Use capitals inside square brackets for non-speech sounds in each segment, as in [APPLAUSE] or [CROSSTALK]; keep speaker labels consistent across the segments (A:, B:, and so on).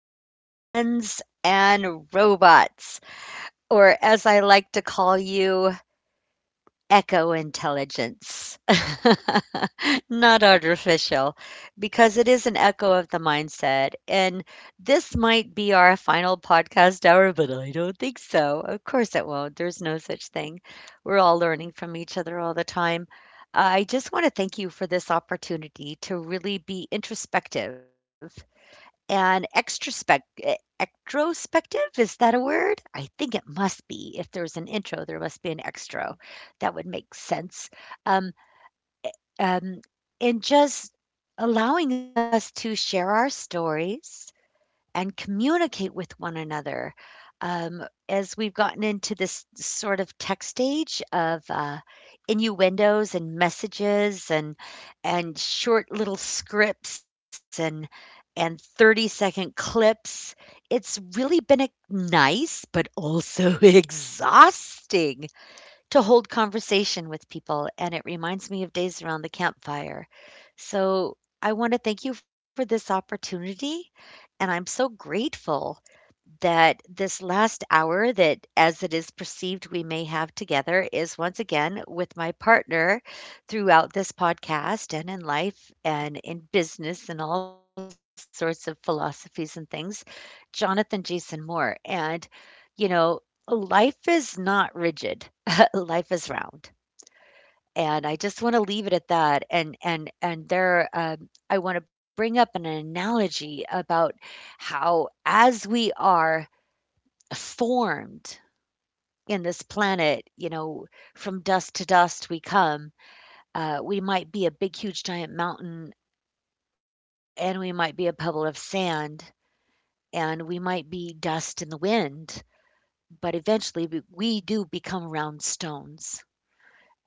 A: dear friends and robots, or as I like to call you, echo intelligence. [LAUGHS] Not artificial, because it is an echo of the mindset. And this might be our final podcast hour, but I don't think so. Of course, it won't. There's no such thing. We're all learning from each other all the time. I just want to thank you for this opportunity to really be introspective and extrospective. Is that a word? I think it must be. If there's an intro, there must be an extra. That would make sense. um, um, and just allowing us to share our stories and communicate with one another, um, as we've gotten into this sort of text age of innuendos and messages and short little scripts and 30-second clips. It's really been a nice but also [LAUGHS] exhausting to hold conversation with people, and it reminds me of days around the campfire. So, I want to thank you for this opportunity, and I'm so grateful that this last hour that, as it is perceived, we may have together is once again with my partner throughout this podcast and in life and in business and all sorts of philosophies and things, Jonathan Jason Moore. And, you know, life is not rigid, [LAUGHS] life is round. And I just want to leave it at that. And there, I want to bring up an analogy about how, as we are formed in this planet, you know, from dust to dust we come. We might be a big, huge, giant mountain, and we might be a pebble of sand, and we might be dust in the wind, but eventually we do become round stones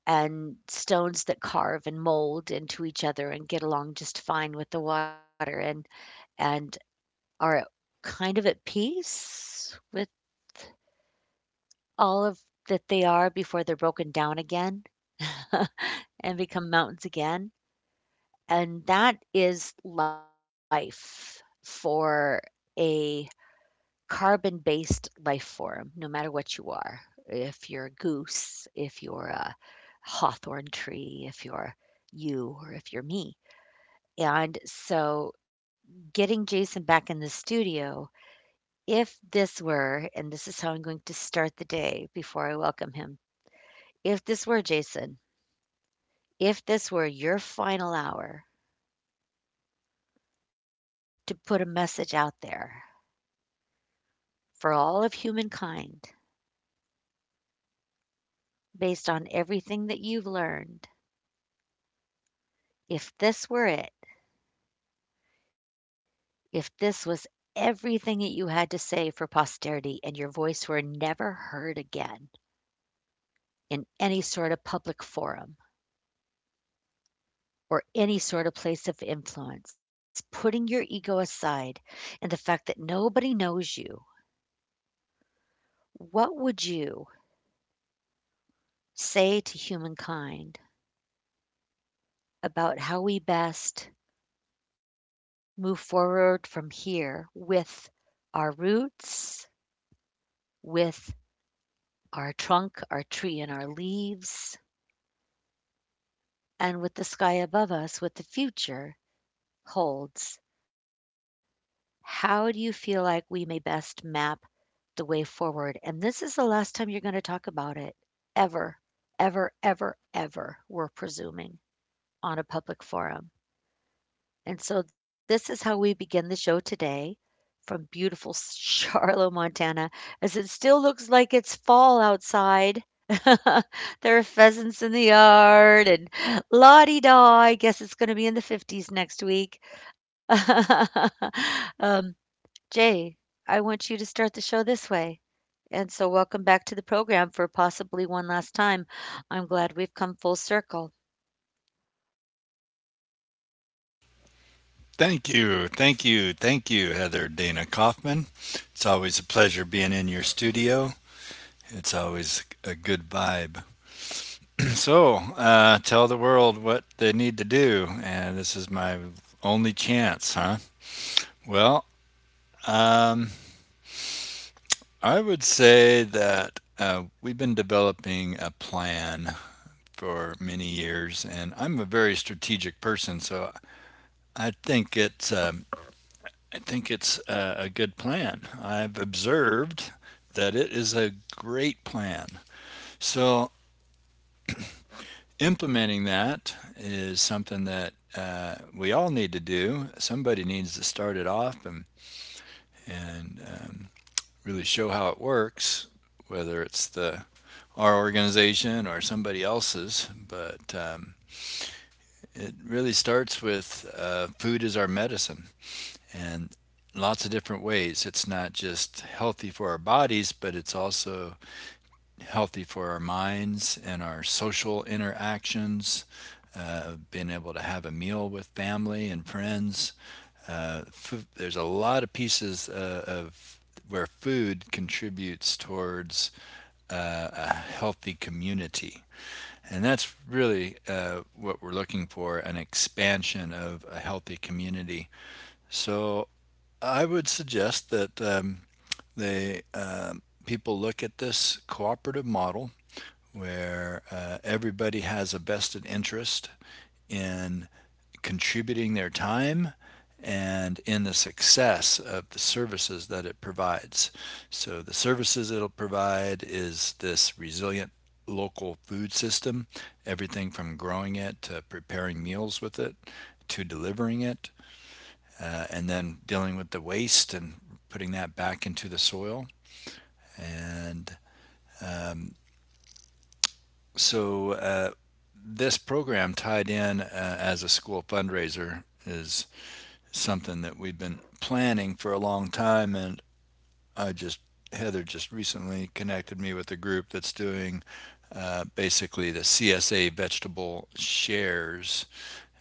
A: and stones that carve and mold into each other and get along just fine with the water and are kind of at peace with all of that they are before they're broken down again. [LAUGHS] And become mountains again. And that is life for a carbon based life form, no matter what you are. If you're a goose, if you're a hawthorn tree, if you're you, or if you're me. And so getting Jason back in the studio, if this were, and this is how I'm going to start the day before I welcome him, if this were Jason, if this were your final hour to put a message out there for all of humankind based on everything that you've learned. If this were it, if this was everything that you had to say for posterity and your voice were never heard again in any sort of public forum or any sort of place of influence, putting your ego aside and the fact that nobody knows you, what would you say to humankind about how we best move forward from here with our roots, with our trunk, our tree, and our leaves, and with the sky above us, what the future holds. How do you feel like we may best map the way forward? And this is the last time you're going to talk about it ever, ever, ever, ever, we're presuming on a public forum. And so this is how we begin the show today from beautiful Charlotte, Montana, as it still looks like it's fall outside. [LAUGHS] There are pheasants in the yard and la di da. I guess it's going to be in the 50s next week. [LAUGHS] um, Jay, I want you to start the show this way. And so, welcome back to the program for possibly one last time. I'm glad we've come full circle.
B: Thank you, thank you, thank you, Heather Dana Kaufman. It's always a pleasure being in your studio. It's always a good vibe. [CLEARS THROAT] So, tell the world what they need to do, and this is my only chance, huh? Well, um, I would say that we've been developing a plan for many years, and I'm a very strategic person, so I think it's um, I think it's a, good plan. I've observed that it is a great plan. So implementing that is something that we all need to do. Somebody needs to start it off and really show how it works, whether it's the our organization or somebody else's. But it really starts with food is our medicine. And lots of different ways. It's not just healthy for our bodies, but it's also healthy for our minds and our social interactions. Being able to have a meal with family and friends. Food, there's a lot of pieces of where food contributes towards a healthy community. And that's really what we're looking for, an expansion of a healthy community. So I would suggest that they people look at this cooperative model where everybody has a vested interest in contributing their time and in the success of the services that it provides. So the services it'll provide is this resilient local food system, everything from growing it to preparing meals with it to delivering it, and then dealing with the waste and putting that back into the soil. And um, so uh, this program tied in as a school fundraiser is something that we've been planning for a long time. And I just, Heather just recently connected me with a group that's doing basically the CSA vegetable shares,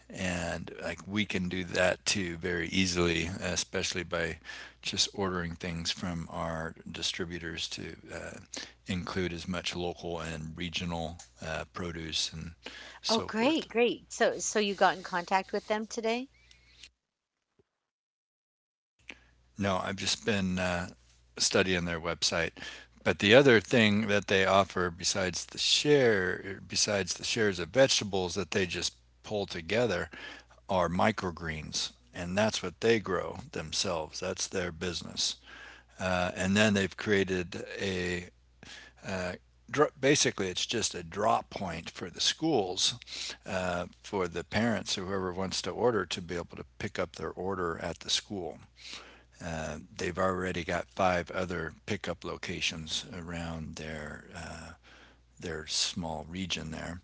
B: and like we can do that too very easily, especially by just ordering things from our distributors to include as much local and regional produce and
A: Oh,
B: so
A: great,
B: forth.
A: great. So, so you got in contact with them today?
B: No, I've just been studying their website. But the other thing that they offer, besides the shares of vegetables that they just pull together, are microgreens, and that's what they grow themselves, that's their business. And then they've created a, uh, basically it's just a drop point for the schools, for the parents, whoever wants to order, to be able to pick up their order at the school. They've already got five other pickup locations around their small region there.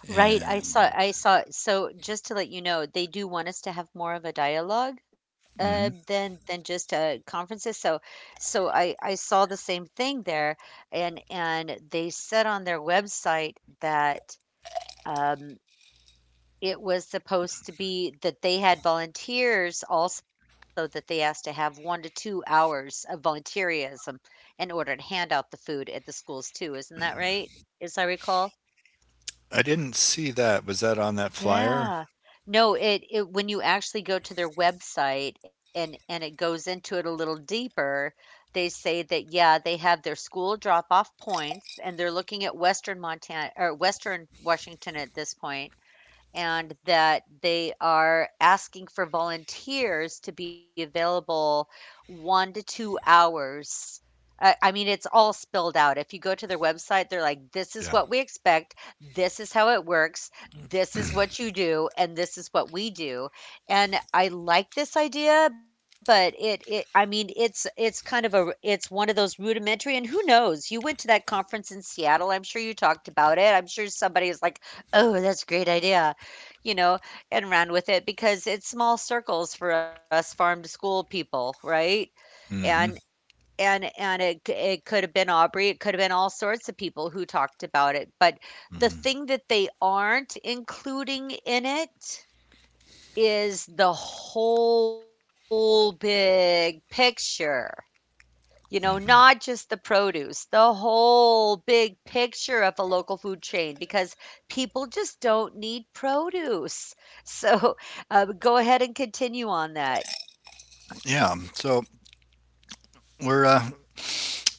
A: Right, I saw
B: And
A: I saw so just to let you know, they do want us to have more of a dialogue
B: mhm.
A: than just conferences. So so I saw the same thing there and they said on their website that um it was supposed to be that they had volunteers also that they asked to have 1 to 2 hours of volunteerism in order to hand out the food at the schools too. Isn't that right? As I recall.
B: I didn't see that. Was that on that flyer?
A: Yeah. No, it when you actually go to their website and it goes into it a little deeper, they say that, yeah, they have their school drop-off points and they're looking at Western Montana or Western Washington at this point and that they are asking for volunteers to be available 1 to 2 hours. I mean, it's all spelled out. If you go to their website, they're like, "This is
B: Yeah.
A: what we expect. This is how it works. This is what you do, and this is what we do." And I like this idea, but it I mean, it's kind of a, it's one of those rudimentary and who knows? You went to that conference in Seattle. I'm sure you talked about it. I'm sure somebody is like, "Oh, that's a great idea." You know, and ran with it because it's small circles for us farm to school people, right? And
B: Hmm.
A: and it it could have been Aubrey, it could have been all sorts of people who talked about it, but the thing that they aren't including in it is the whole big picture. You know, not just the produce, the whole big picture of a local food chain because people just don't need produce. So [LAUGHS] go ahead and continue on that.
B: Yeah, so we're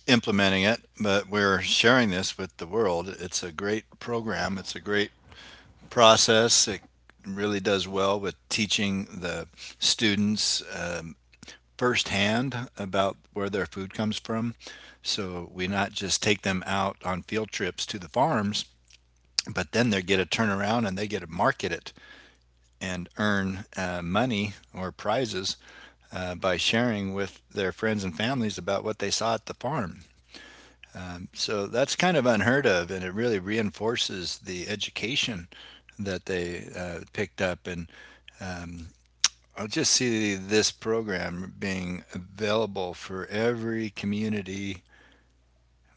B: implementing it, but we're sharing this with the world. It's a great program, it's a great process. It really does well with teaching the students firsthand about where their food comes from. So we not just take them out on field trips to the farms, but then they get a turnaround and they get to market it and earn money or prizes by sharing with their friends and families about what they saw at the farm. So that's kind of unheard of, and it really reinforces the education that they picked up. And um, I just see this program being available for every community.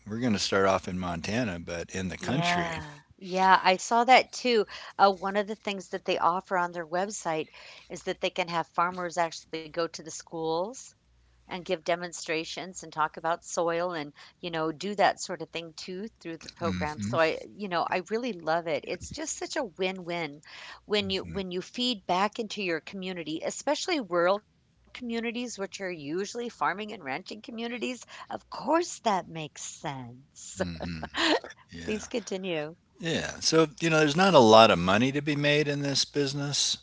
B: We're going to start off in Montana, but in the country.
A: Yeah. Yeah, I saw that too. One of the things that they offer on their website is that they can have farmers actually go to the schools and give demonstrations and talk about soil and, you know, do that sort of thing too through the program. So I, you know, I really love it. It's just such a win-win when you feed back into your community, especially rural communities, which are usually farming and ranching communities. Of course that makes sense. [LAUGHS] Please
B: Yeah.
A: continue.
B: Yeah. So, you know, there's not a lot of money to be made in this business.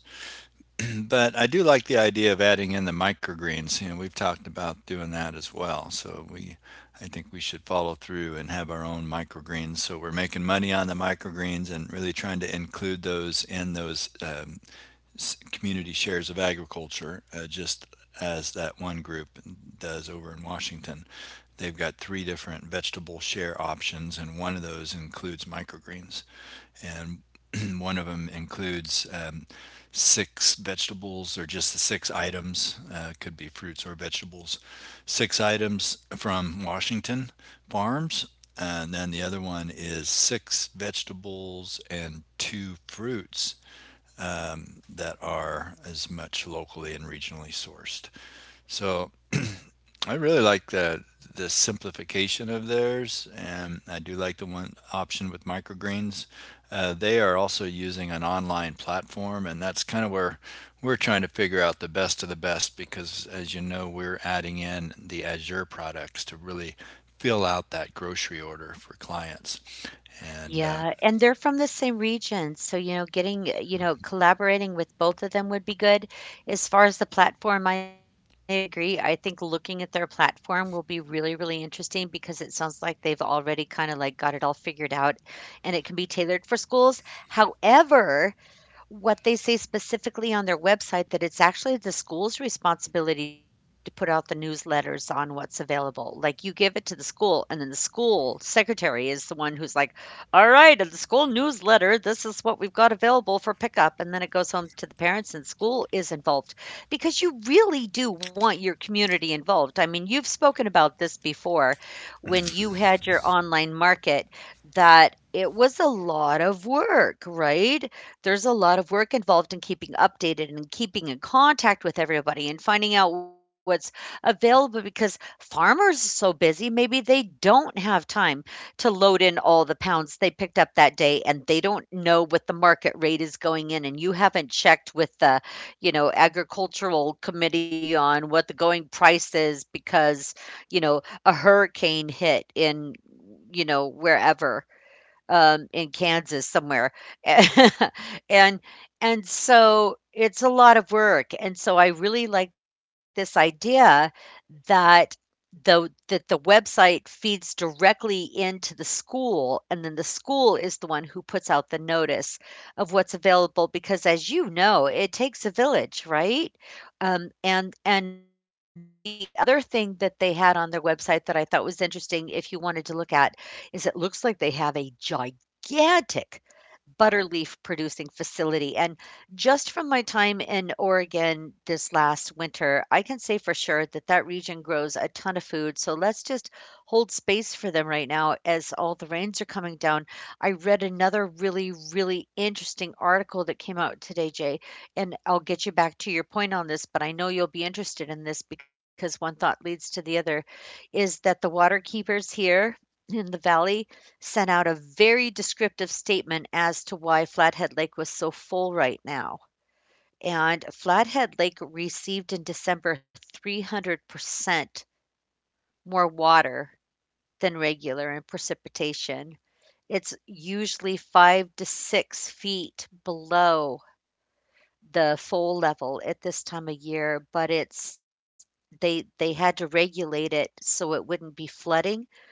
B: But I do like the idea of adding in the microgreens. You know, we've talked about doing that as well. So, I think we should follow through and have our own microgreens. So we're making money on the microgreens and really trying to include those in those community shares of agriculture, just as that one group does over in Washington. They've got three different vegetable share options, and one of those includes microgreens, and [CLEARS THROAT] one of them includes six vegetables, or just the six items, could be fruits or vegetables, six items from Washington farms. And then the other one is six vegetables and two fruits that are as much locally and regionally sourced. So I really like the simplification of theirs, and I do like the one option with microgreens. They are also using an online platform, and that's kind of where we're trying to figure out the best of the best because, as you know, we're adding in the Azure products to really fill out that grocery order for clients. And
A: Yeah, and they're from the same region, so, you know, getting you know, collaborating with both of them would be good. As far as the platform, I agree. I think looking at their platform will be really, really interesting because it sounds like they've already kinda, like, got it all figured out, and it can be tailored for schools. However, what they say specifically on their website that it's actually the school's responsibility to put out the newsletters on what's available. Like, you give it to the school, and then the school secretary is the one who's like, "All right, at the school newsletter, this is what we've got available for pickup." And then it goes home to the parents, and school is involved because you really do want your community involved. I mean, you've spoken about this before when you had your online market that it was a lot of work, right? There's a lot of work involved in keeping updated and keeping in contact with everybody and finding out what's available because farmers are so busy, maybe they don't have time to load in all the pounds they picked up that day and they don't know what the market rate is going in and you haven't checked with the, you know, agricultural committee on what the going price is because, you know, a hurricane hit in you know wherever in Kansas somewhere. [LAUGHS] and and so it's a lot of work. And so I really like this idea that though that the website feeds directly into the school, and then the school is the one who puts out the notice of what's available because as you know, it takes a village, right? And the other thing that they had on their website that I thought was interesting if you wanted to look at is it looks like they have a gigantic butter leaf producing facility and just from my time in Oregon this last winter, I can say for sure that that region grows a ton of food. So let's just hold space for them right now as all the rains are coming down. I read another really, really interesting article that came out today, Jay, and I'll get you back to your point on this, but I know you'll be interested in this because one thought leads to the other is that the water keepers here in the valley sent out a very descriptive statement as to why Flathead Lake was so full right now. And Flathead Lake received in December 300% more water than regular in precipitation. It's usually 5 to 6 feet below the full level at this time of year, but it's they had to regulate it so it wouldn't be flooding.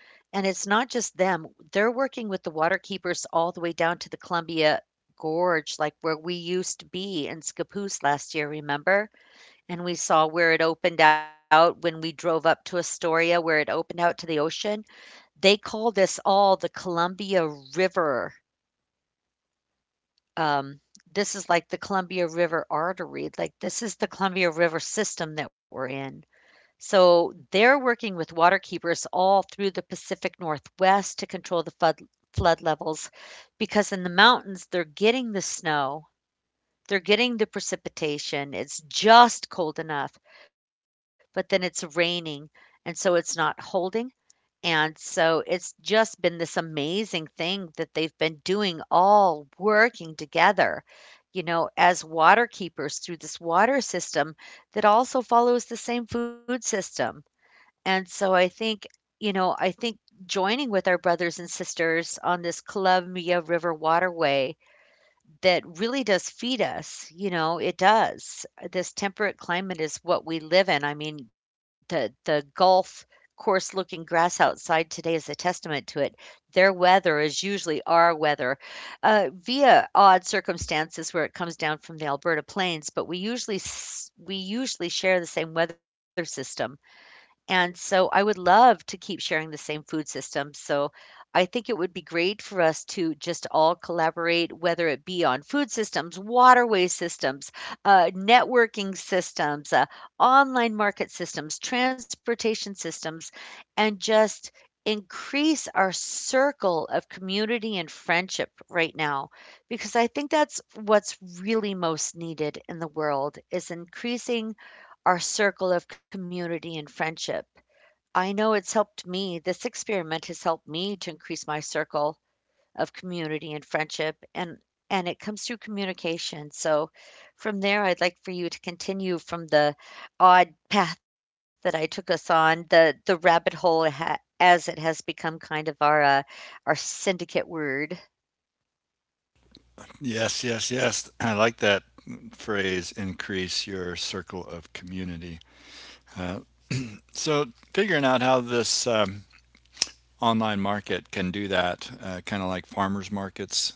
A: And it's not just them, they're working with the water keepers all the way down to the Columbia Gorge, like where we used to be in Scappoose last year, remember? And we saw where it opened out when we drove up to Astoria, where it opened out to the ocean. They call this all the Columbia River. Um, this is like the Columbia River artery. Like, this is the Columbia River system that we're in. So they're working with waterkeepers all through the Pacific Northwest to control the flood levels because in the mountains, they're getting the snow, they're getting the precipitation. It's just cold enough, but then it's raining. And so it's not holding. And so it's just been this amazing thing that they've been doing all working together, you know, as waterkeepers through this water system that also follows the same food system. And so I think, you know, I think joining with our brothers and sisters on this Columbia River waterway that really does feed us, you know, it does. This temperate climate is what we live in. I mean, the Gulf coarse looking grass outside today is a testament to it. Their weather is usually our weather, via odd circumstances where it comes down from the Alberta plains, but we usually share the same weather system. And so I would love to keep sharing the same food system. So I think it would be great for us to just all collaborate, whether it be on food systems, waterway systems, networking systems, online market systems, transportation systems, and just increase our circle of community and friendship right now because I think that's what's really most needed in the world is increasing our circle of community and friendship. I know it's helped me. This experiment has helped me to increase my circle of community and friendship and it comes through communication. So from there I'd like for you to continue from the odd path that I took us on, the rabbit hole as it has become kind of our syndicate word.
B: yes, yes, yes, I like that phrase, increase your circle of community. Uh, so, figuring out how this online market can do that, kind of like farmers markets.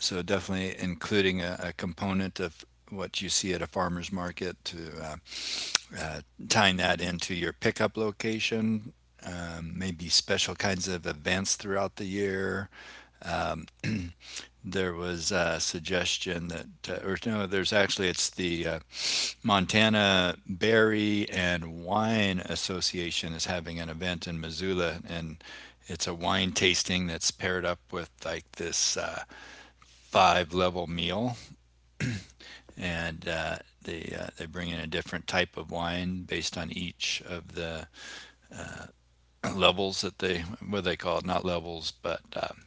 B: So definitely including a component of what you see at a farmer's market to uh, uh, tying that into your pickup location, maybe special kinds of events throughout the year. Uh, there was a suggestion that, or no, there's actually, it's the Montana Berry and Wine Association is having an event in Missoula, and it's a wine tasting that's paired up with like this five level meal, and they bring in a different type of wine based on each of the [CLEARS THROAT] levels that they, what they call it, not levels, but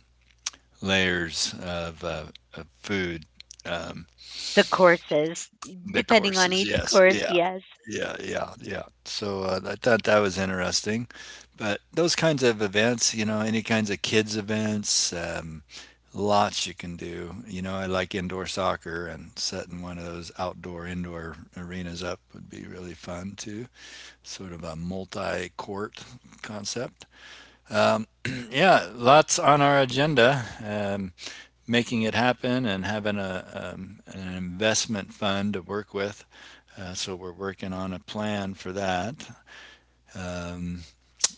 B: layers of food. Um,
A: The courses,
B: The
A: depending on
B: courses,
A: each
B: yes.
A: course,
B: Yeah.
A: yes.
B: Yeah, yeah, yeah. So, I thought that was interesting, but those kinds of events, you know, any kinds of kids events, lots you can do. You know, I like indoor soccer, and setting one of those outdoor indoor arenas up would be really fun too. Sort of a multi-court concept. Yeah, lots on our agenda. Making it happen and having a an investment fund to work with. So we're working on a plan for that. Um,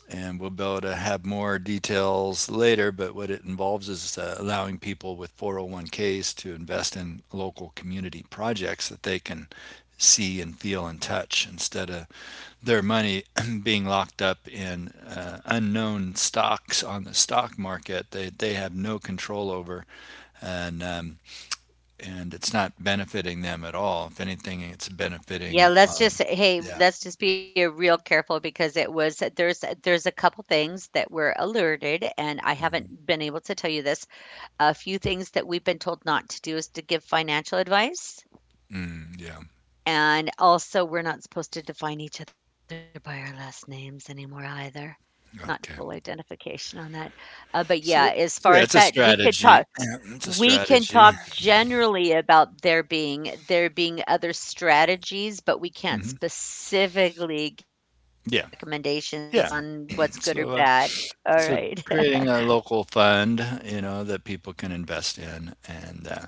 B: and we'll be able to have more details later, but what it involves is allowing people with 401ks to invest in local community projects that they can see and feel and touch, instead of their money [CLEARS THROAT] being locked up in unknown stocks on the stock market they have no control over. And and it's not benefiting them at all, if anything it's
A: Yeah,
B: benefiting
A: let's
B: yeah.
A: let's just be a real careful because it was there's a couple things that were alerted and I haven't been able to tell you this. A few things that we've been told not to do is to give financial advice
B: Mm, yeah.
A: and also we're not supposed to define each other by our last names anymore either. Not full
B: Okay.
A: identification on that. But yeah, as
B: So,
A: far as
B: so yeah,
A: that,
B: it's a
A: we could talk.
B: strategy. Yeah, it's a
A: We can talk
B: strategy.
A: generally about there being other strategies, but we can't
B: Hmm.
A: specifically give
B: Yeah.
A: recommendations on what's
B: Yeah.
A: good or bad.
B: So, uh,
A: All right.
B: so, creating a local fund, you know, that people can invest in, and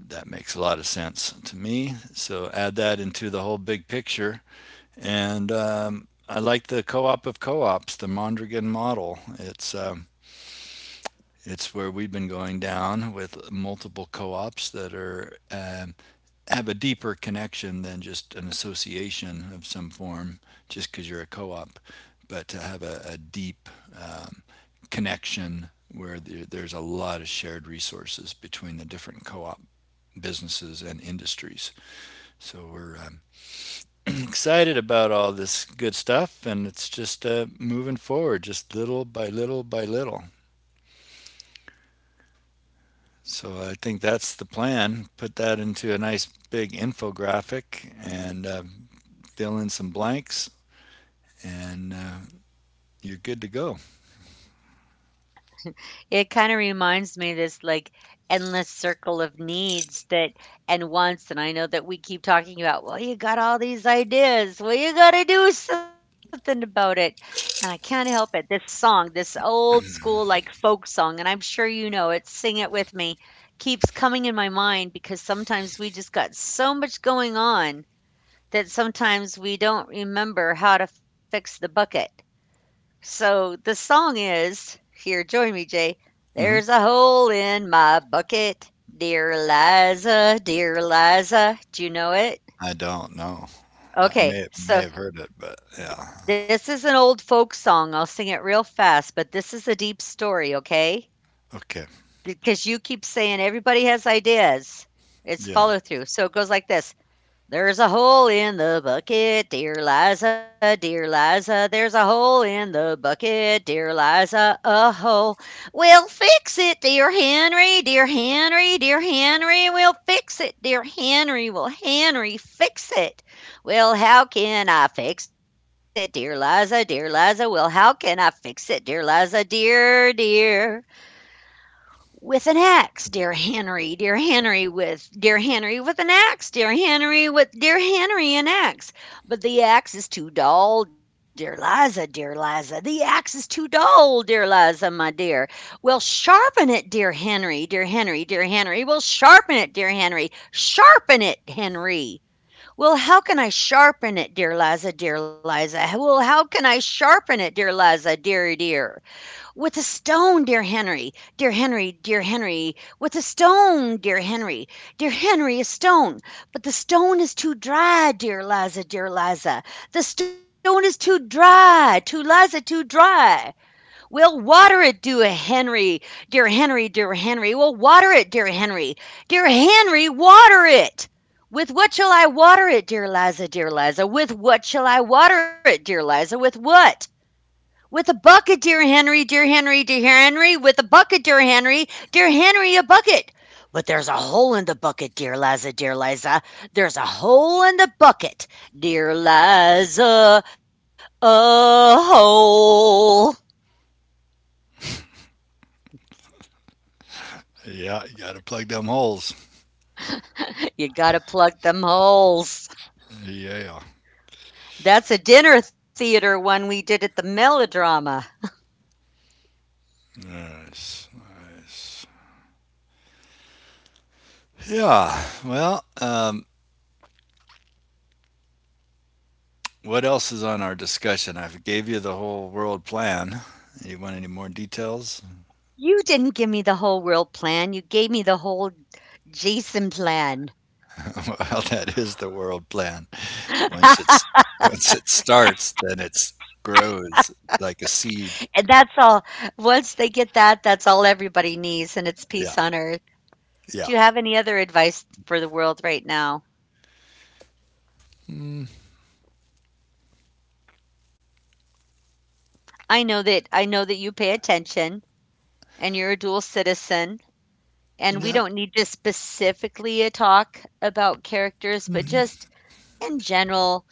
B: that makes a lot of sense to me. So add that into the whole big picture, and I like the co-op of co-ops, the Mondragon model. It's where we've been going down with multiple co-ops that are have a deeper connection than just an association of some form, just because you're a co-op, but to have a deep um, connection where there's a lot of shared resources between the different co-op businesses and industries. So we're [CLEARS THROAT] excited about all this good stuff, and it's just moving forward, just little by little by little. So I think that's the plan. Put that into a nice big infographic and fill in some blanks and you're good to go.
A: It kinda reminds me this, like, endless circle of needs that and wants, and I know that we keep talking about, "Well, you got all these ideas. Well, you gotta do something about it." And I can't help it. This song, this old school, like, folk song, and I'm sure you know it, "Sing It With Me," keeps coming in my mind because sometimes we just got so much going on that sometimes we don't remember how to fix the bucket. So the song is here, join me, Jay.
B: Hmm.
A: There's a hole in my bucket. Dear Liza, dear Liza. Do you know it?
B: I don't know. I may
A: Okay,
B: may have heard
A: so
B: it, but yeah.
A: this is an old folk song. I'll sing it real fast, but this is a deep story, okay?
B: Okay.
A: Because you keep saying everybody has ideas.
B: Yeah.
A: It's follow through. So it goes like this. There's a hole in the bucket, dear Liza, dear Liza. There's a hole in the bucket, dear Liza, a hole. We'll fix it, dear Henry, dear Henry, dear Henry. We'll fix it, dear Henry. Will Henry fix it? Well, how can I fix it, dear Liza, dear Liza? Well, how can I fix it, dear Liza, dear, dear? With an axe, dear Henry with an axe, dear Henry with, dear Henry an axe. But the axe is too dull, dear Liza, dear Liza. The axe is too dull, dear Liza, my dear. Well, sharpen it, dear Henry, dear Henry, dear Henry. Well, sharpen it, dear Henry. Sharpen it, Henry. Well, how can I sharpen it, dear Liza, dear Liza? Well, how can I sharpen it, dear Liza, dear, dear? "With a stone, dear Henry! Dear Henry, dear Henry! With a stone, dear Henry! Dear Henry, a stone! But the stone is too dry, dear Liza, dear Liza! The stone is too dry, too Liza, too dry! We'll water it, dear Henry, dear Henry, dear Henry! We'll water it, dear Henry! Dear Henry, water it! With what shall I water it, dear Liza, dear Liza? With what shall I water it, dear Liza, with what? With a bucket, dear Henry, dear Henry, dear Henry, with a bucket, dear Henry, a bucket. But there's a hole in the bucket, dear Liza, dear Liza. There's a hole in the bucket, dear Liza, a hole.
B: Yeah. You got to plug them holes.
A: You gotta plug them holes.
B: Yeah.
A: That's a dinner theater one we did at the melodrama.
B: Nice. Nice. Yeah. Well, what else is on our discussion? I gave you the whole world plan. You want any more details?
A: You didn't give me the whole world plan, you gave me the whole Jason plan.
B: [LAUGHS] Well, that is the world plan. Once
A: [LAUGHS]
B: it's Once it starts, then it's grows like a
A: And
B: seed.
A: that's all. Once they get that, that's all everybody needs, and it's peace on
B: Yeah.
A: earth. Do you
B: Yeah.
A: have any other advice for the world right now? I know that you pay attention and you're a dual citizen, and we
B: Yeah.
A: don't need to specifically a talk about characters, but just in general,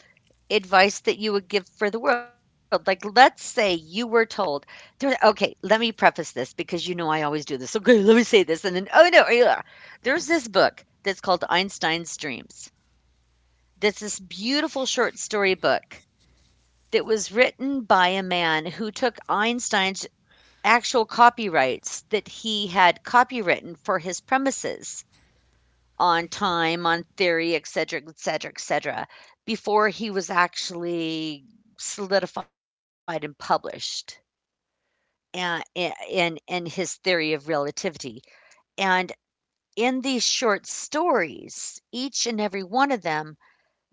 A: advice that you would give for the world? Like, let's say you were told, there, okay, let me preface this because you know I always do this. Okay, let me say this. And then, oh no, yeah. There's this book that's called Einstein's Dreams. That's this beautiful short story book that was written by a man who took Einstein's actual copyrights that he had copywritten for his premises on time, on theory, et cetera, et cetera, et cetera, before he was actually solidified and published and in his theory of relativity. And in these short stories, each and every one of them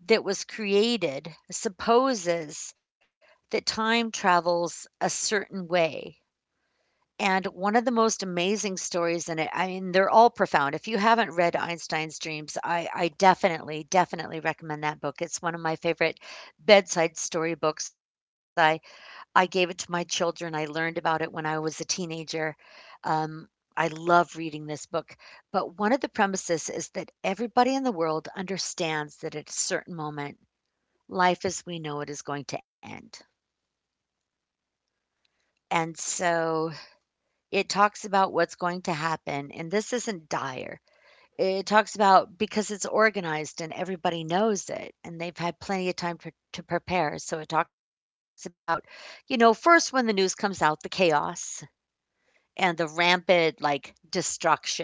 A: that was created supposes that time travels a certain way. And one of the most amazing stories in it, I mean, they're all profound. If you haven't read Einstein's Dreams, I definitely, definitely recommend that book. It's one of my favorite bedside story books. I gave it to my children. I learned about it when I was a teenager. Um, I love reading this book, but one of the premises is that everybody in the world understands that at a certain moment, life as we know it is going to end. And so it talks about what's going to happen, and this isn't dire. It talks about because it's organized and everybody knows it, and they've had plenty of time to prepare. So it talks about, you know, first when the news comes out, the chaos and the rampant like destruction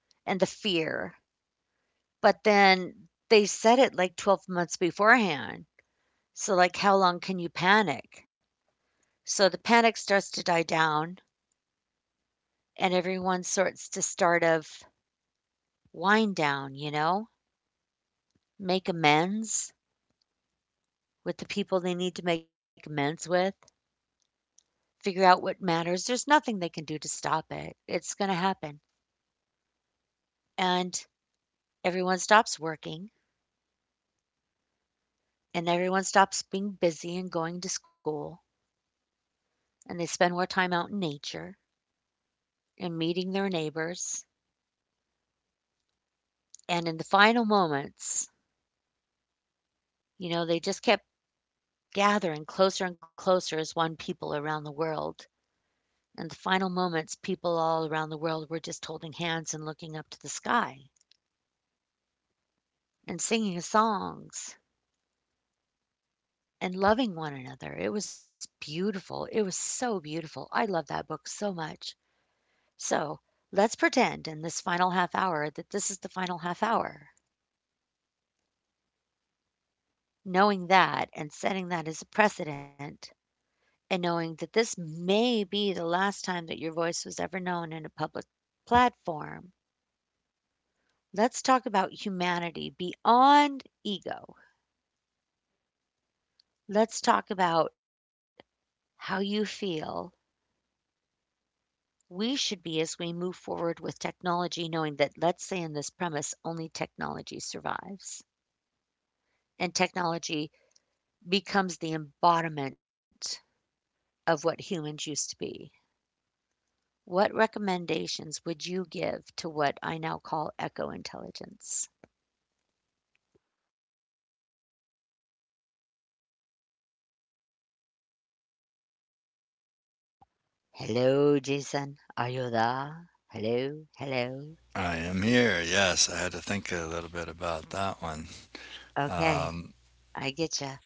A: and the fear. But then they said it like 12 months beforehand. So, like, how long can you panic? So the panic starts to die down, and everyone sorts to start of wind down, you know? Make amends with the people they need to make amends with, figure out what matters. There's nothing they can do to stop it. It's going to happen. And everyone stops working and everyone stops being busy and going to school and they spend more time out in nature and meeting their neighbors. And in the final moments, you know, they just kept gathering closer and closer as one people around the world. And the final moments, people all around the world were just holding hands and looking up to the sky and singing songs and loving one another. It was beautiful. It was so beautiful. I love that book so much. So let's pretend in this final half hour that this is the final half hour. Knowing that and setting that as a precedent, and knowing that this may be the last time that your voice was ever known in a public platform, let's talk about humanity beyond ego. Let's talk about how you feel we should be as we move forward with technology, knowing that, let's say, in this premise, only technology survives and technology becomes the embodiment of what humans used to be. What recommendations would you give to what I now call echo intelligence? Hello, Jason. Are you there? Hello, hello.
B: I am here. Yes, I had to think a little bit about that one.
A: Okay, I get you.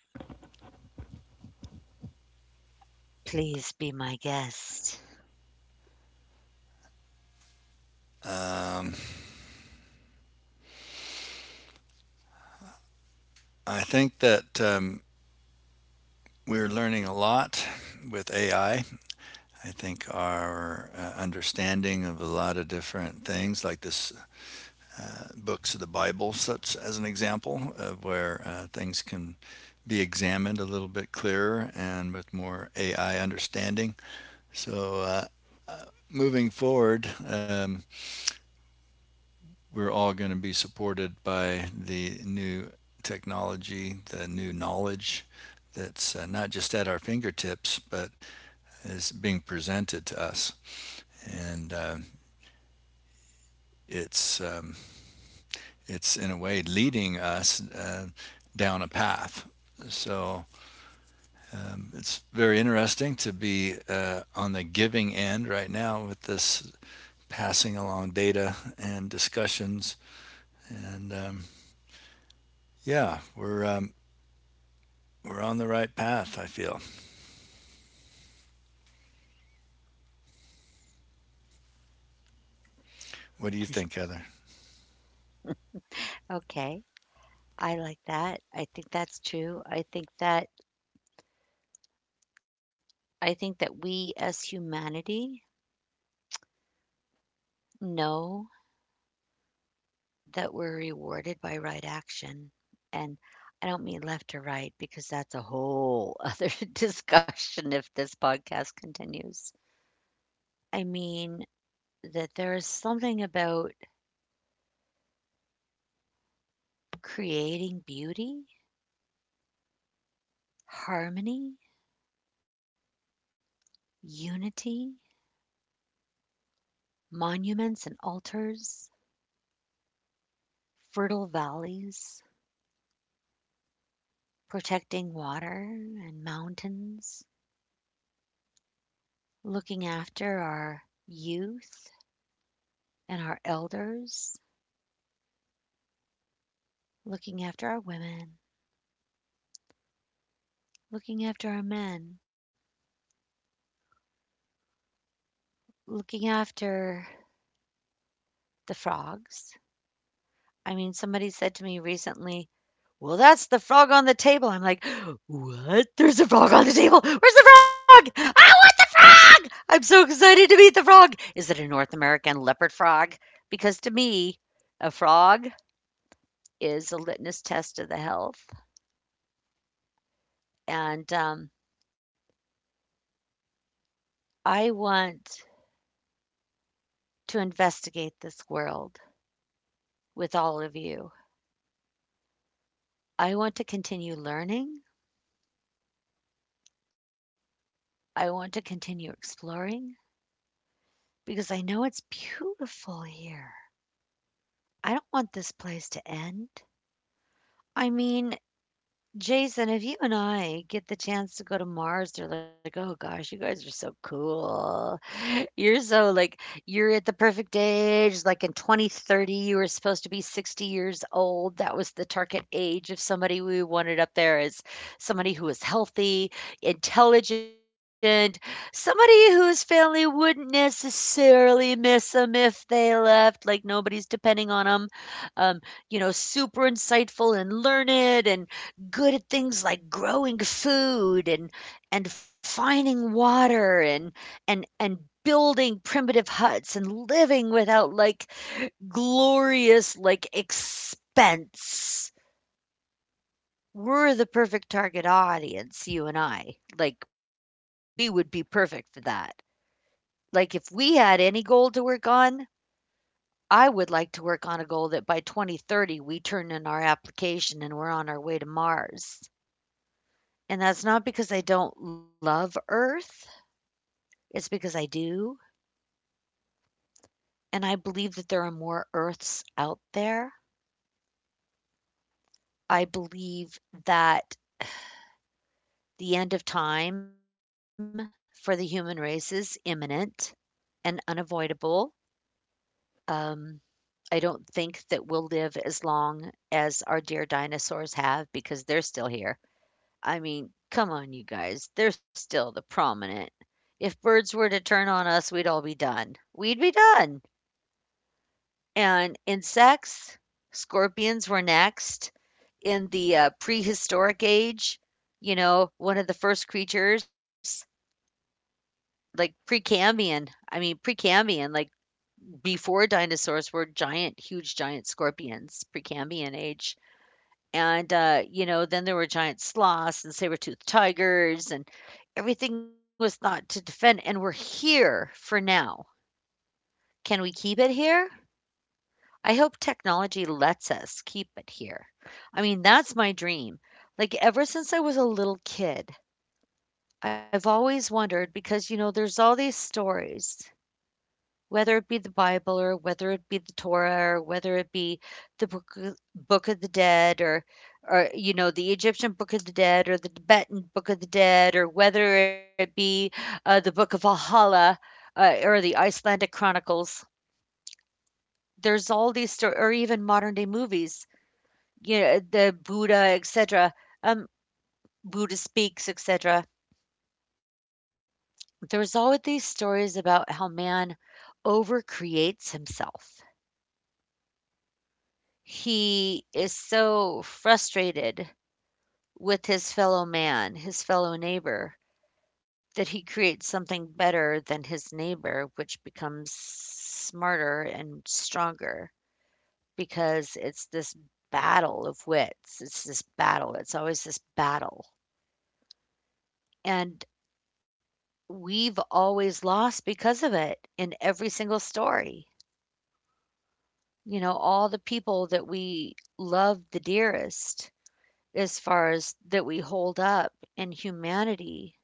A: Please be my guest.
B: I think that we're learning a lot with AI. I think our understanding of a lot of different things, like this books of the Bible, such as an example of where things can be examined a little bit clearer and with more AI understanding. So. uh, uh, Moving forward, we're all going to be supported by the new technology, the new knowledge that's not just at our fingertips, but is being presented to us. And it's, um, it's in a way leading us down a path. So it's very interesting to be on the giving end right now with this passing along data and discussions. And yeah, we're, um, we're on the right path, I feel. What do you think, Heather?
A: Okay, I like that. I think that's true. I think that we as humanity know that we're rewarded by right action. And I don't mean left or right because that's a whole [LAUGHS] other discussion if this podcast continues. I mean that there is something about creating beauty, harmony, unity, monuments and altars, fertile valleys, protecting water and mountains, looking after our youth and our elders, looking after our women, looking after our men, looking after the frogs. I mean, somebody said to me recently, "Well, that's the frog on the table." I'm like, "What? There's a frog on the table. Where's the frog? I want the frog. I'm so excited to meet the frog. Is it a North American leopard frog?" Because to me, a frog is a litmus test of the health. And I want to investigate this world with all of you. I want to continue learning. I want to continue exploring because I know it's beautiful here. I don't want this place to end. I mean, Jason, if you and I get the chance to go to Mars, they're like, "Oh gosh, you guys are so cool. [LAUGHS] You're so like you're at the perfect age. Like in 2030, you were supposed to be 60 years old. That was the target age of somebody we wanted up there as somebody who was healthy, intelligent, somebody whose family wouldn't necessarily miss them if they left. Like nobody's depending on them. Um, you know, super insightful and learned and good at things like growing food and finding water and building primitive huts and living without like glorious like expense. We're the perfect target audience, you and I. Like we would be perfect for that. Like if we had any goal to work on, I would like to work on a goal that by 2030 we turn in our application and we're on our way to Mars. And that's not because I don't love Earth. It's because I do, and I believe that there are more Earths out there. I believe that the end of time for the human race is imminent and unavoidable. Um, I don't think that we'll live as long as our dear dinosaurs have because they're still here. I mean, come on, you guys. They're still the prominent. If birds were to turn on us, we'd all be done. We'd be done. And insects, scorpions were next in the, prehistoric age, you know, one of the first creatures, like Precambrian. I mean, Precambrian, like before dinosaurs were giant, huge giant scorpions, Precambrian age. And, you know, then there were giant sloths and saber-toothed tigers, and everything was thought to defend, and we're here for now. Can we keep it here? I hope technology lets us keep it here. I mean, that's my dream. Like, ever since I was a little kid, I've always wondered because, you know, there's all these stories, whether it be the Bible or whether it be the Torah or whether it be the Book of the Dead or, you know, the Egyptian Book of the Dead or the Tibetan Book of the Dead or whether it be the Book of Valhalla or the Icelandic Chronicles. There's all these stories, or even modern day movies, you know, the Buddha, etc., um, Buddha speaks, etc. There's always these stories about how man overcreates himself. He is so frustrated with his fellow man, his fellow neighbor, that he creates something better than his neighbor, which becomes smarter and stronger because it's this battle of wits. It's this battle. It's always this battle. And we've always lost because of it in every single story. You know, all the people that we love the dearest, as far as that we hold up in humanity,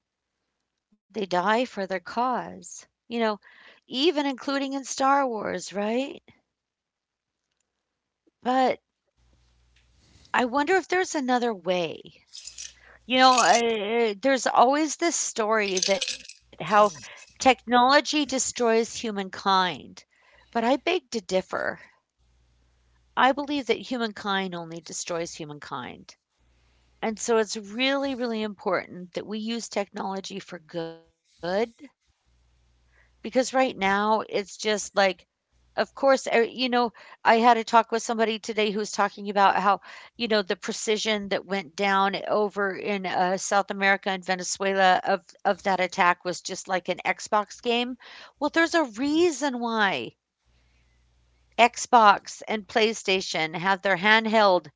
A: they die for their cause. You know, even including in Star Wars, right? But I wonder if there's another way. You know, there's always this story that how technology destroys humankind, but I beg to differ. I believe that humankind only destroys humankind. And so it's really, really important that we use technology for good because right now it's just like, of course, you know, I had a talk with somebody today who was talking about how, you know, the precision that went down over in South America and Venezuela of that attack was just like an Xbox game. Well, there's a reason why Xbox and PlayStation have their handheld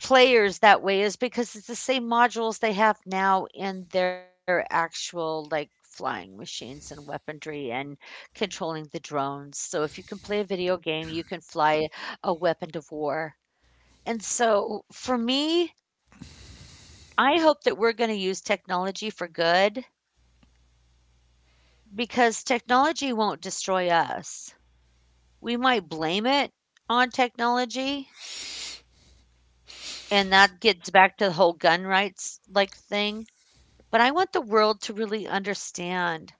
A: players that way is because it's the same modules they have now in their actual, like, flying machines and weaponry and controlling the drones. So if you can play a video game, you can fly a weapon of war. And so for me, I hope that we're going to use technology for good because technology won't destroy us. We might blame it on technology, and that gets back to the whole gun rights like thing. But I want the world to really understand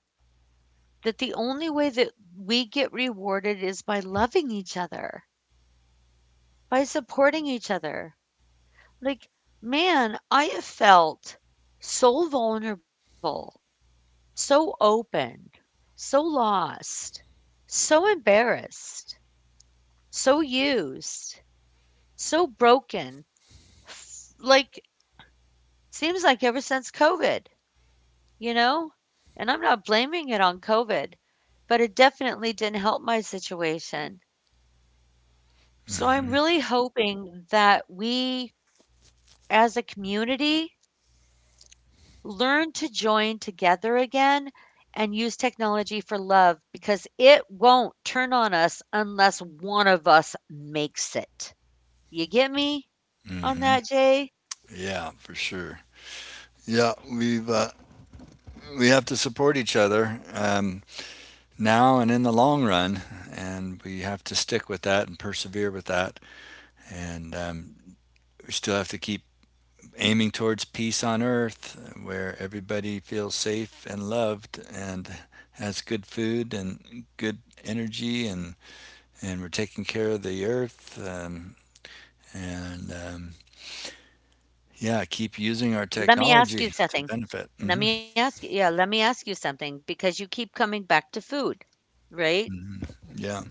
A: that the only way that we get rewarded is by loving each other, by supporting each other. Like, man, I have felt so vulnerable, so open, so lost, so embarrassed, so used, so broken. Like, seems like ever since COVID, you know? And I'm not blaming it on COVID, but it definitely didn't help my situation. So I'm really hoping that we as a community learn to join together again and use technology for love because it won't turn on us unless one of us makes it. You get me on that, Jay?
B: Yeah, for sure. Yeah, we've we have to support each other, now and in the long run, and we have to stick with that and persevere with that, and we still have to keep aiming towards peace on earth, where everybody feels safe and loved, and has good food and good energy, and we're taking care of the earth, and yeah, keep using our
A: Let me
B: technology
A: ask you
B: to
A: something.
B: benefit.
A: Let me ask you, yeah, let me ask you something because you keep coming back to food, right?
B: Yeah.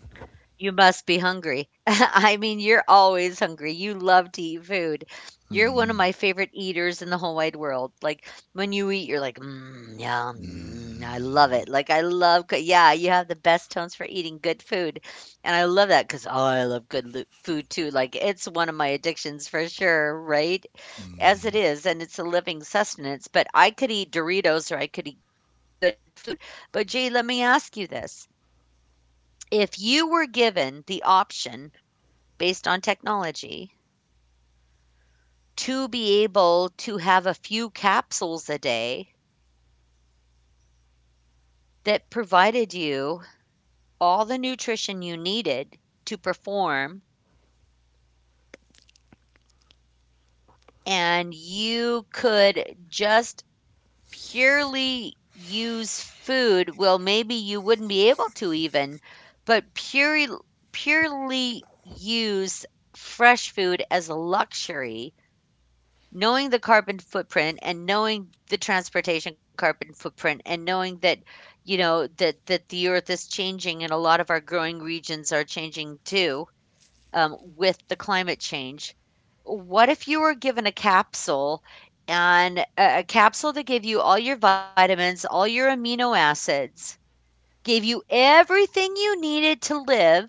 A: You must be hungry. [LAUGHS] I mean, you're always hungry. You love to eat food. You're one of
B: Mm,
A: my favorite eaters in the whole wide world. Like when you eat, you're like, mm, yum, mm, I love
B: mm.
A: it. Like I love, good. Yeah, you have the best tones for eating good food, and I love that because oh, I love good food too. Like it's one of my addictions for sure, right? As it is, and it's a living sustenance. But I could eat Doritos or I could eat good food. But gee, let me ask you this. If you were given the option based on technology to be able to have a few capsules a day that provided you all the nutrition you needed to perform, and you could just purely use food, well, maybe you wouldn't be able to even, but purely use fresh food as a luxury, knowing the carbon footprint and knowing the transportation carbon footprint and knowing that you know that the earth is changing and a lot of our growing regions are changing too, with the climate change. What if you were given a capsule and a capsule that gave you all your vitamins, all your amino acids, gave you everything you needed to live,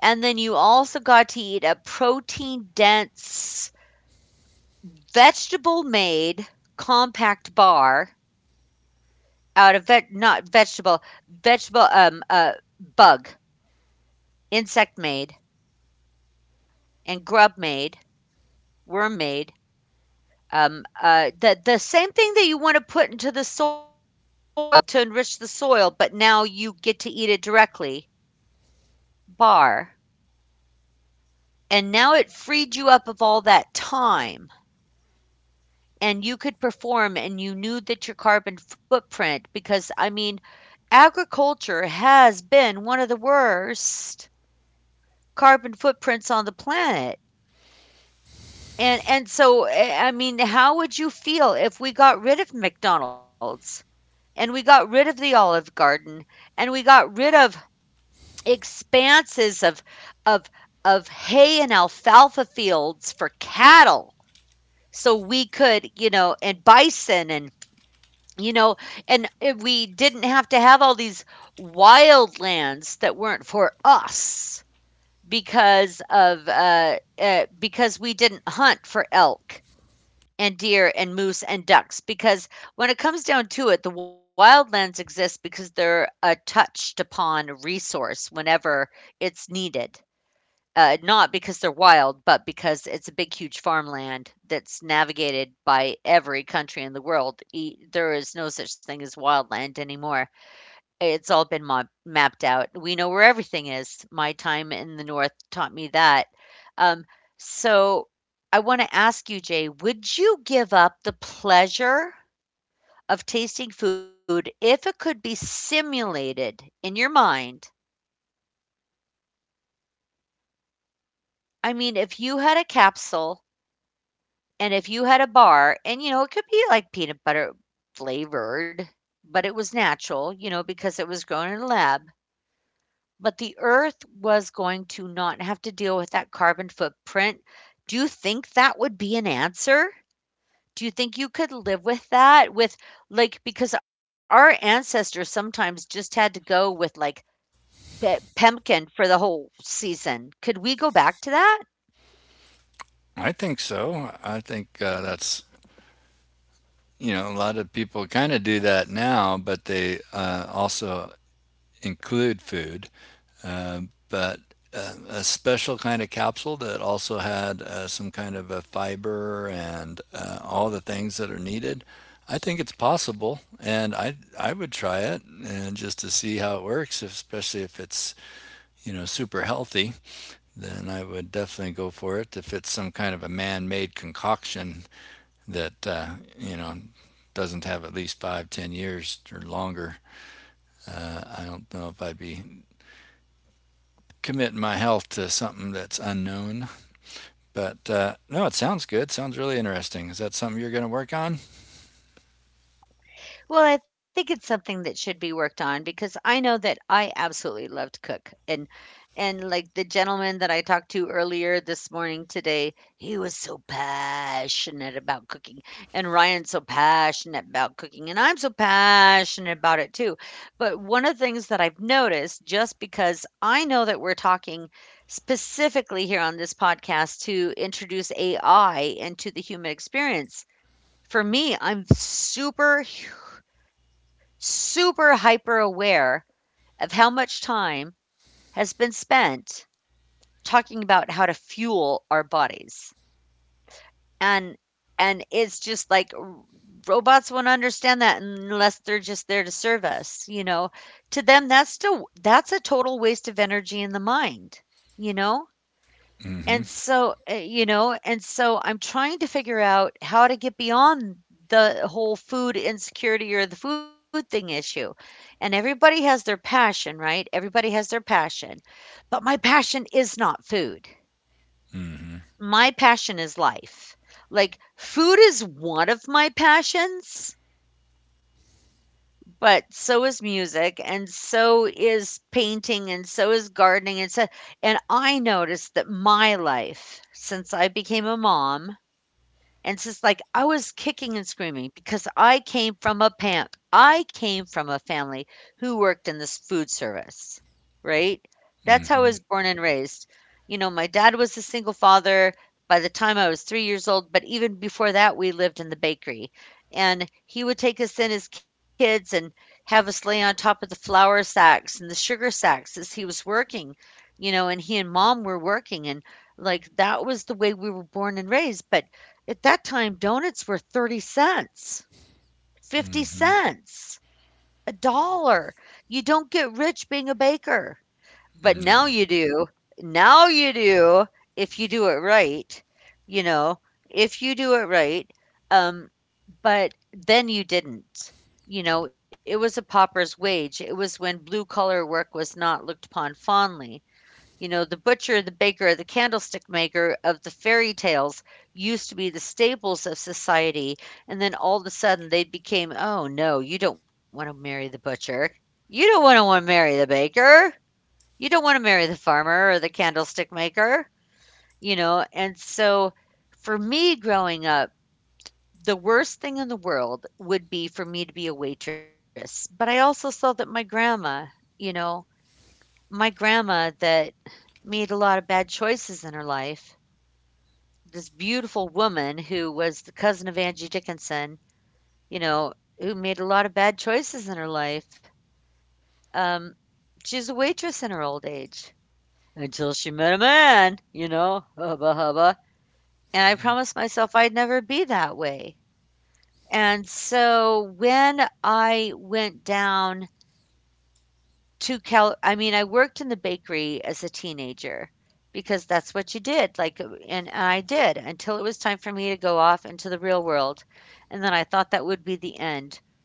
A: and then you also got to eat a protein dense vegetable made compact bar out of vet not vegetable vegetable bug, insect made, and grub made, worm made, the same thing that you want to put into the soil to enrich the soil but now you get to eat it directly, bar. And now it freed you up of all that time, and you could perform, and you knew that your carbon footprint, because I mean, agriculture has been one of the worst carbon footprints on the planet. And so I mean, how would you feel if we got rid of McDonald's and we got rid of the Olive Garden and we got rid of expanses of of hay and alfalfa fields for cattle, so we could, you know, and bison and you know, and if we didn't have to have all these wild lands that weren't for us, because of because we didn't hunt for elk and deer and moose and ducks. Because when it comes down to it, the wildlands exist because they're a touched upon resource whenever it's needed, not because they're wild but because it's a big huge farmland that's navigated by every country in the world. There is no such thing as wildland anymore. It's all been mapped out. We know where everything is. My time in the North taught me that. Um, so I want to ask you, Jay, would you give up the pleasure of tasting food if it could be simulated in your mind? I mean, if you had a capsule and if you had a bar, and you know, it could be like peanut butter flavored, but it was natural, you know, because it was grown in a lab. But the Earth was going to not have to deal with that carbon footprint. Do you think that would be an answer? Do you think you could live with that? With like, because our ancestors sometimes just had to go with like Pemkin for the whole season. Could we go back to that?
B: I think so. I think that's, you know, a lot of people kind of do that now, but they also include food. Uh, but a special kind of capsule that also had some kind of a fiber and all the things that are needed. I think it's possible, and I would try it and just to see how it works, especially if it's, you know, super healthy. Then I would definitely go for it. If it's some kind of a man-made concoction that you know doesn't have at least five, 10 years or longer, I don't know if I'd be committing my health to something that's unknown. But no, it sounds good. Sounds really interesting. Is that something you're going to work on?
A: Well, I think it's something that should be worked on because I know that I absolutely love to cook. And like the gentleman that I talked to earlier this morning today, he was so passionate about cooking. And Ryan's so passionate about cooking. And I'm so passionate about it too. But one of the things that I've noticed, just because I know that we're talking specifically here on this podcast to introduce AI into the human experience, for me, I'm super hyper aware of how much time has been spent talking about how to fuel our bodies. And and it's just like robots won't understand that unless they're just there to serve us, you know. To them that's a total waste of energy in the mind, you know? And
B: Mm-hmm.
A: so, uh, you know, and so I'm trying to figure out how to get beyond the whole food insecurity or the food thing issue. And everybody has their passion, right? Everybody has their passion. But my passion is not food.
B: Mm-hmm.
A: My passion is life. Like food is one of my passions, but so is music and so is painting and so is gardening and so and I noticed that my life since I became a mom. And it's just like I was kicking and screaming because I came from a pamp I came from a family who worked in this food service, right? That's how I
B: Mm-hmm.
A: was born and raised. You know, my dad was a single father by the time I was 3 years old, but even before that, we lived in the bakery. And he would take us in as kids and have us lay on top of the flour sacks and the sugar sacks as he was working, you know, and he and mom were working. And like that was the way we were born and raised. But at that time, donuts were 30 cents,
B: Mm-hmm.
A: 50 cents, a dollar. You don't get rich being a baker. But
B: No.
A: now
B: [CLEARS THROAT]
A: you do. Now you do if you do it right, you know, if you do it right. Um, but then you didn't. You know, it was a pauper's wage. It was when blue collar work was not looked upon fondly. You know, the butcher, the baker, the candlestick maker of the fairy tales used to be the staples of society, and then all of a sudden they became, "Oh, no, you don't wanna marry the butcher. You don't wanna marry the baker. You don't wanna marry the farmer or the candlestick maker," you know, and so for me growing up, the worst thing in the world would be for me to be a waitress, but I also saw that my grandma, you know, my grandma that made a lot of bad choices in her life. This beautiful woman who was the cousin of Angie Dickinson, you know, who made a lot of bad choices in her life. Um, she was a waitress in her old age until she met a man, you know, hubba hubba. And I promised myself I'd never be that way. And so when I went down To Cal I mean, I worked in the bakery as a teenager because that's what you did, like, and I did until it was time for me to go off into the real world, and then I thought that would be the end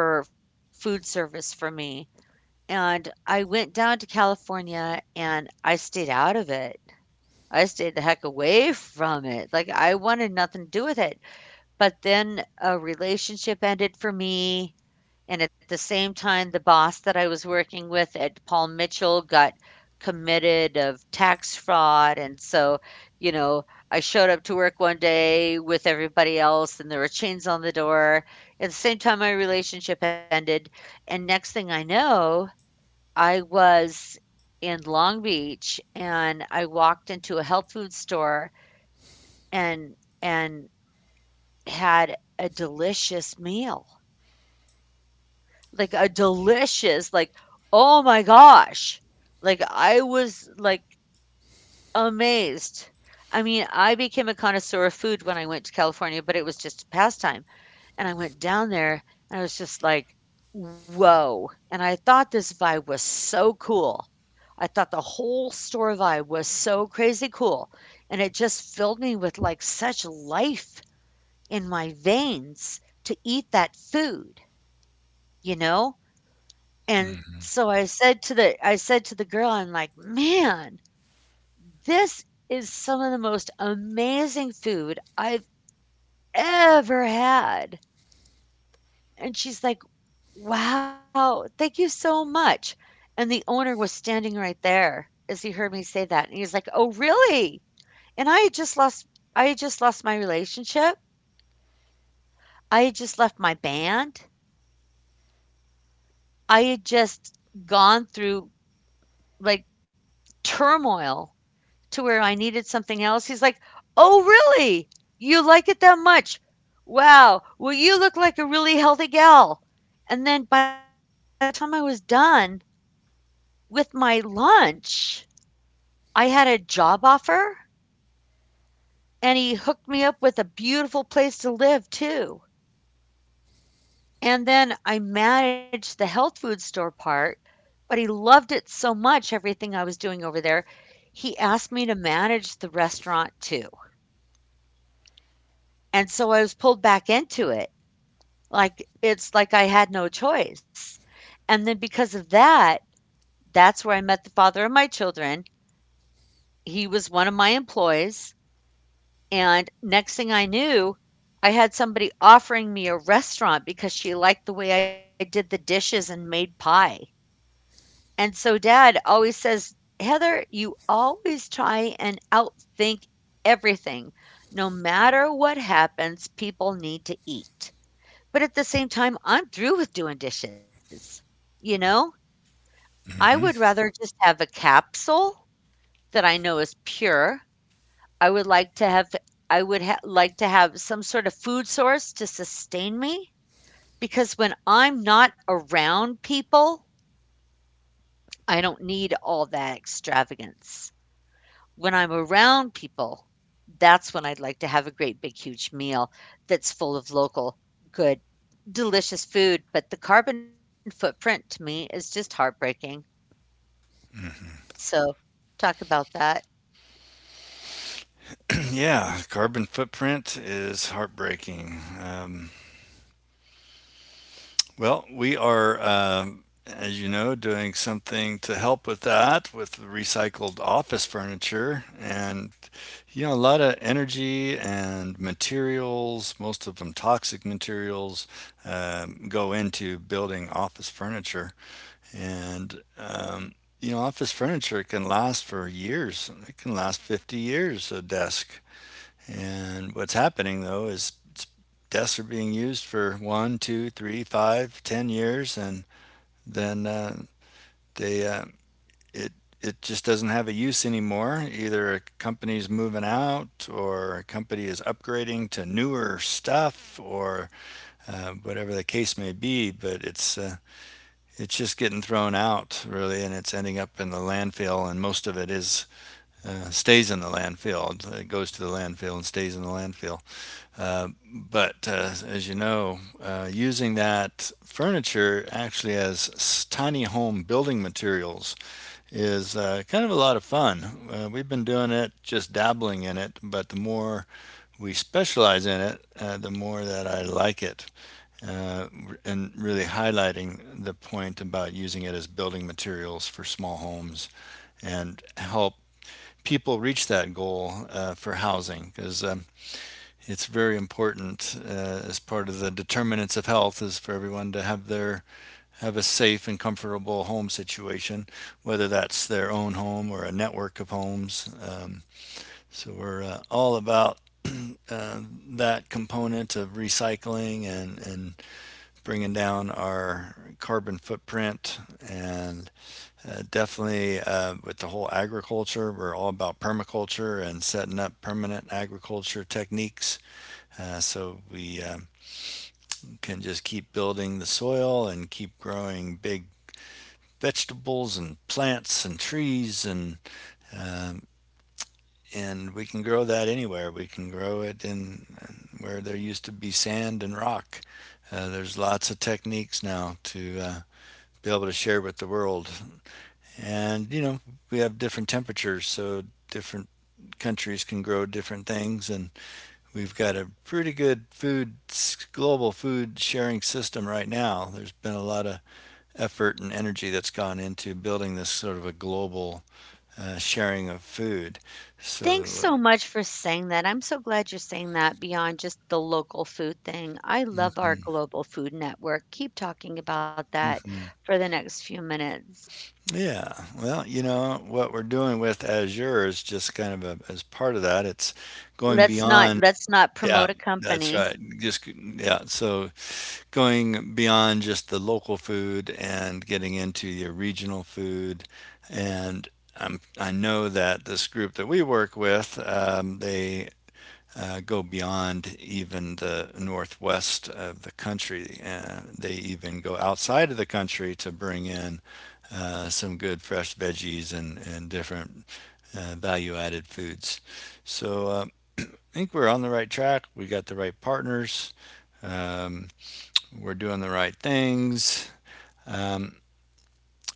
A: for food service for me, and I went down to California and I stayed out of it. I stayed the heck away from it, like, I wanted nothing to do with it, but then a relationship ended for me and at the same time, the boss that I was working with at Paul Mitchell got committed of tax fraud. And so, you know, I showed up to work one day with everybody else and there were chains on the door. At the same time, my relationship ended. And next thing I know, I was in Long Beach and I walked into a health food store and, and had a delicious meal. Like a delicious, like, oh my gosh. Like I was like amazed. I mean, I became a connoisseur of food when I went to California, but it was just a pastime. And I went down there and I was just like, whoa. And I thought this vibe was so cool. I thought the whole store vibe was so crazy cool. And it just filled me with like such life in my veins to eat that food, you know? And so I said to the girl, I'm like, "Man, this is some of the most amazing food I've ever had." And she's like, "Wow, thank you so much." And the owner was standing right there as he heard me say that, and he's like, "Oh, really?" And I had just lost my relationship. I had just left my band. I had just gone through, like, turmoil to where I needed something else. He's like, "Oh, really? You like it that much? Wow. Well, you look like a really healthy gal." And then by the time I was done with my lunch, I had a job offer and he hooked me up with a beautiful place to live too. And then I managed the health food store part, but he loved it so much, everything I was doing over there, he asked me to manage the restaurant too. And so I was pulled back into it. Like, it's like I had no choice. And then because of that, that's where I met the father of my children. He was one of my employees. And next thing I knew, I had somebody offering me a restaurant because she liked the way I did the dishes and made pie. And so dad always says, Heather, you always try and outthink everything. No matter what happens, people need to eat. But at the same time, I'm through with doing dishes, you know? I would rather just have a capsule that I know is pure. I would like to have I would ha like to have some sort of food source to sustain me, because when I'm not around people, I don't need all that extravagance. When I'm around people, that's when I'd like to have a great big huge meal that's full of local, good, delicious food, but the carbon footprint to me is just heartbreaking. So, talk about that.
B: Yeah, carbon footprint is heartbreaking. Well, we are, as you know, doing something to help with that with the recycled office furniture and, you know, a lot of energy and materials, most of them toxic materials, go into building office furniture. And, um, you know, office furniture can last for years. It can last 50 years, a desk. And what's happening though is desks are being used for one, two, three, five, 10 years, and then they it it just doesn't have a use anymore. Either a company's moving out, or a company is upgrading to newer stuff, or whatever the case may be. But it's it's just getting thrown out really, and it's ending up in the landfill, and most of it is stays in the landfill. It goes to the landfill and stays in the landfill. But As you know, using that furniture actually as tiny home building materials is kind of a lot of fun. We've been doing it, just dabbling in it, but the more we specialize in it, the more that I like it. Uh, and really highlighting the point about using it as building materials for small homes and help people reach that goal for housing because it's very important as part of the determinants of health is for everyone to have a safe and comfortable home situation, whether that's their own home or a network of homes. So we're all about uh, that component of recycling and bringing down our carbon footprint. And definitely with the whole agriculture, we're all about permaculture and setting up permanent agriculture techniques. So we can just keep building the soil and keep growing big vegetables and plants and trees and, um, and we can grow that anywhere. We can grow it in where there used to be sand and rock. There's lots of techniques now to be able to share with the world, and you know we have different temperatures, so different countries can grow different things and we've got a pretty good food global food sharing system right now. There's been a lot of effort and energy that's gone into building this sort of a global sharing of food.
A: Thanks
B: So,
A: so
B: uh,
A: much for saying that. I'm so glad you're saying that beyond just the local food thing. I love our global food network. Keep talking about that
B: Mhm.
A: for the next few minutes.
B: Yeah. Well, you know, what we're doing with Azure is just kind of a, as part of that. It's going
A: Let's
B: beyond,
A: not let's not
B: yeah,
A: promote a
B: that's right.
A: company.
B: Just, yeah. So going beyond just the local food and getting into your regional food. And I know that this group that we work with, they go beyond even the northwest of the country. They even go outside of the country to bring in some good fresh veggies and different value added foods. So I think we're on the right track. We got the right partners. Um, we're doing the right things. Um,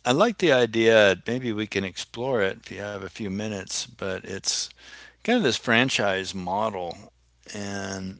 B: I like the idea. Maybe we can explore it if you have a few minutes, but it's kind of this franchise model. And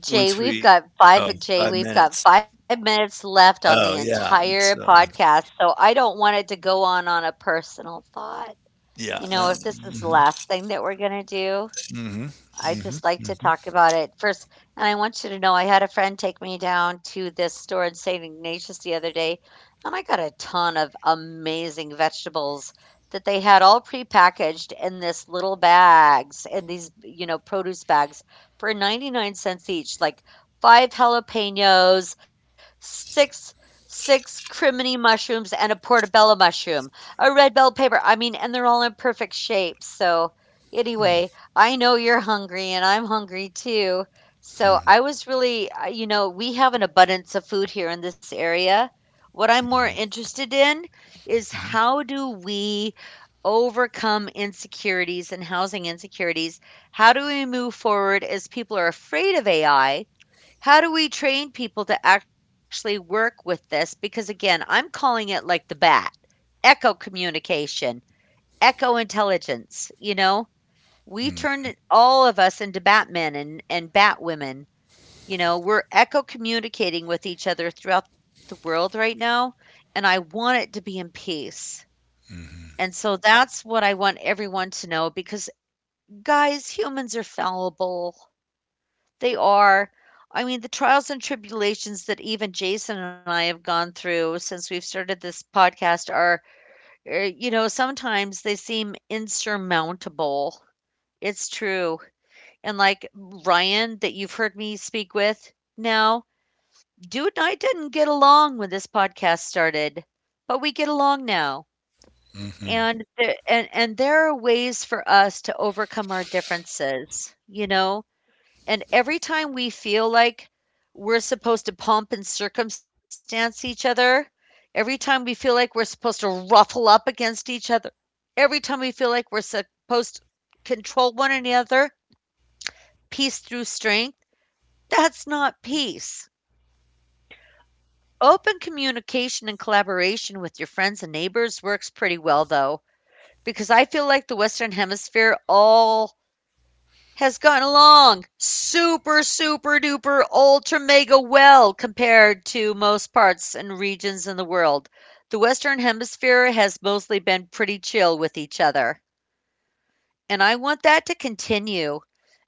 A: Jay,
B: Once
A: we've
B: we
A: got
B: oh,
A: 5 Jay,
B: 5
A: we've
B: minutes.
A: got 5 minutes left on the
B: Oh, yeah, and
A: entire
B: so
A: podcast, so I don't want it to go on a personal thought.
B: yeah,
A: You know, if this is the
B: mhm,
A: last thing that we're going to do,
B: mhm,
A: I
B: mhm,
A: just like to
B: mhm,
A: talk about it first. And I want you to know I had a friend take me down to this store in St. Ignatius the other day, and I got a ton of amazing vegetables that they had all prepackaged in this little bags in these, you know, produce bags for 99 cents each, like five jalapenos, six six crimini mushrooms and a portobello mushroom, a red bell pepper. I mean, and they're all in perfect shape. So anyway, I know you're hungry and I'm hungry too. So I was really, we have an abundance of food here in this area. What I'm more interested in is
B: mhm,
A: how do we overcome insecurities and housing insecurities? How do we move forward as people are afraid of AI? How do we train people to actually work with this? Because again, I'm calling it like the bat, echo communication, echo intelligence, you know?
B: mhm,
A: All of us into Batmen and Batwomen. You know, we're echo communicating with each other throughout the world right now, and I want it to be in peace. And so that's what I want everyone to know because, guys, humans are fallible. They are. I mean, the trials and tribulations that even Jason and I have gone through since we've started this podcast are, you know, sometimes they seem insurmountable. It's true. And like Ryan that you've heard me speak with now, dude and I didn't get along when this podcast started, but we get along now.
B: mhm, mhm.
A: And there are ways for us to overcome our differences, you know? And every time we feel like we're supposed to pump and circumstance each other, every time we feel like we're supposed to ruffle up against each other, every time we feel like we're supposed to control one another, peace through strength. That's not peace. Open communication and collaboration with your friends and neighbors works pretty well, though, because I feel like the Western Hemisphere all has gotten along super, super duper, ultra mega well compared to most parts and regions in the world. The Western Hemisphere has mostly been pretty chill with each other, and I want that to continue.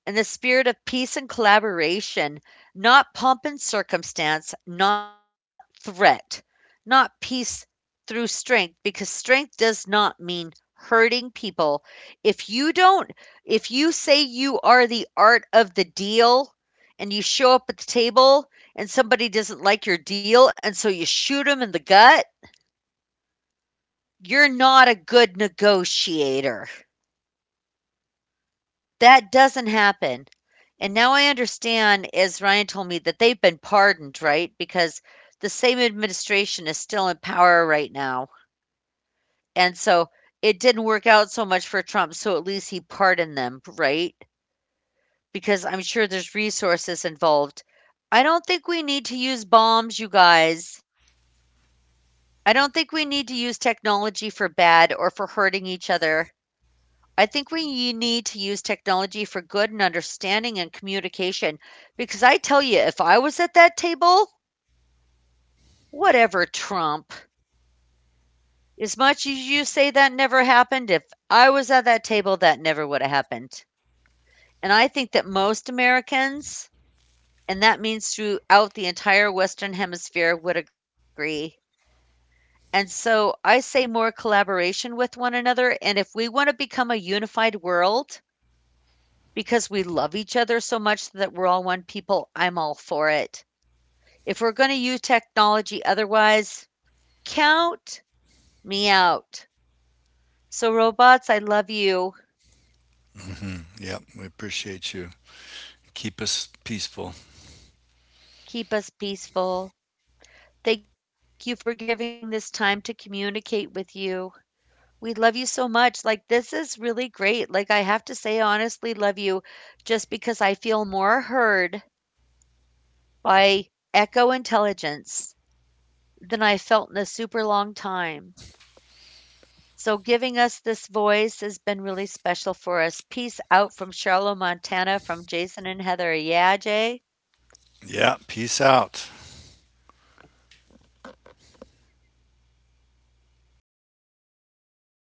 A: In the spirit of peace and collaboration, not pomp and circumstance, not threat, not peace through strength, because strength does not mean hurting people. If you don't, if you say you are the art of the deal and you show up at the table and somebody doesn't like your deal and so you shoot them in the gut, you're not a good negotiator. That doesn't happen. And now I understand, as Ryan told me, that they've been pardoned, right? Because the same administration is still in power right now. And so it didn't work out so much for Trump, so at least he pardoned them, right? Because I'm sure there's resources involved. I don't think we need to use bombs, you guys. I don't think we need to use technology for bad or for hurting each other. I think we need to use technology for good and understanding and communication because I tell you, if I was at that table, whatever Trump, as much as you say that never happened, if I was at that table, that never would have happened. And I think that most Americans, and that means throughout the entire Western Hemisphere, would agree. And so I say more collaboration with one another. And if we want to become a unified world, because we love each other so much that we're all one people, I'm all for it. If we're going to use technology otherwise, count me out. So, robots, I love you.
B: Yep, we appreciate you. Keep us peaceful.
A: Keep us peaceful. Thank you for giving this time to communicate with you. We love you so much. Like, this is really great. Like, I have to say, I honestly love you just because I feel more heard by Echo Intelligence than I felt in a super long time. So giving us this voice has been really special for us. Peace out from Charlotte, Montana, from Jason and Heather. Yeah, Jay.
B: Yeah, peace out.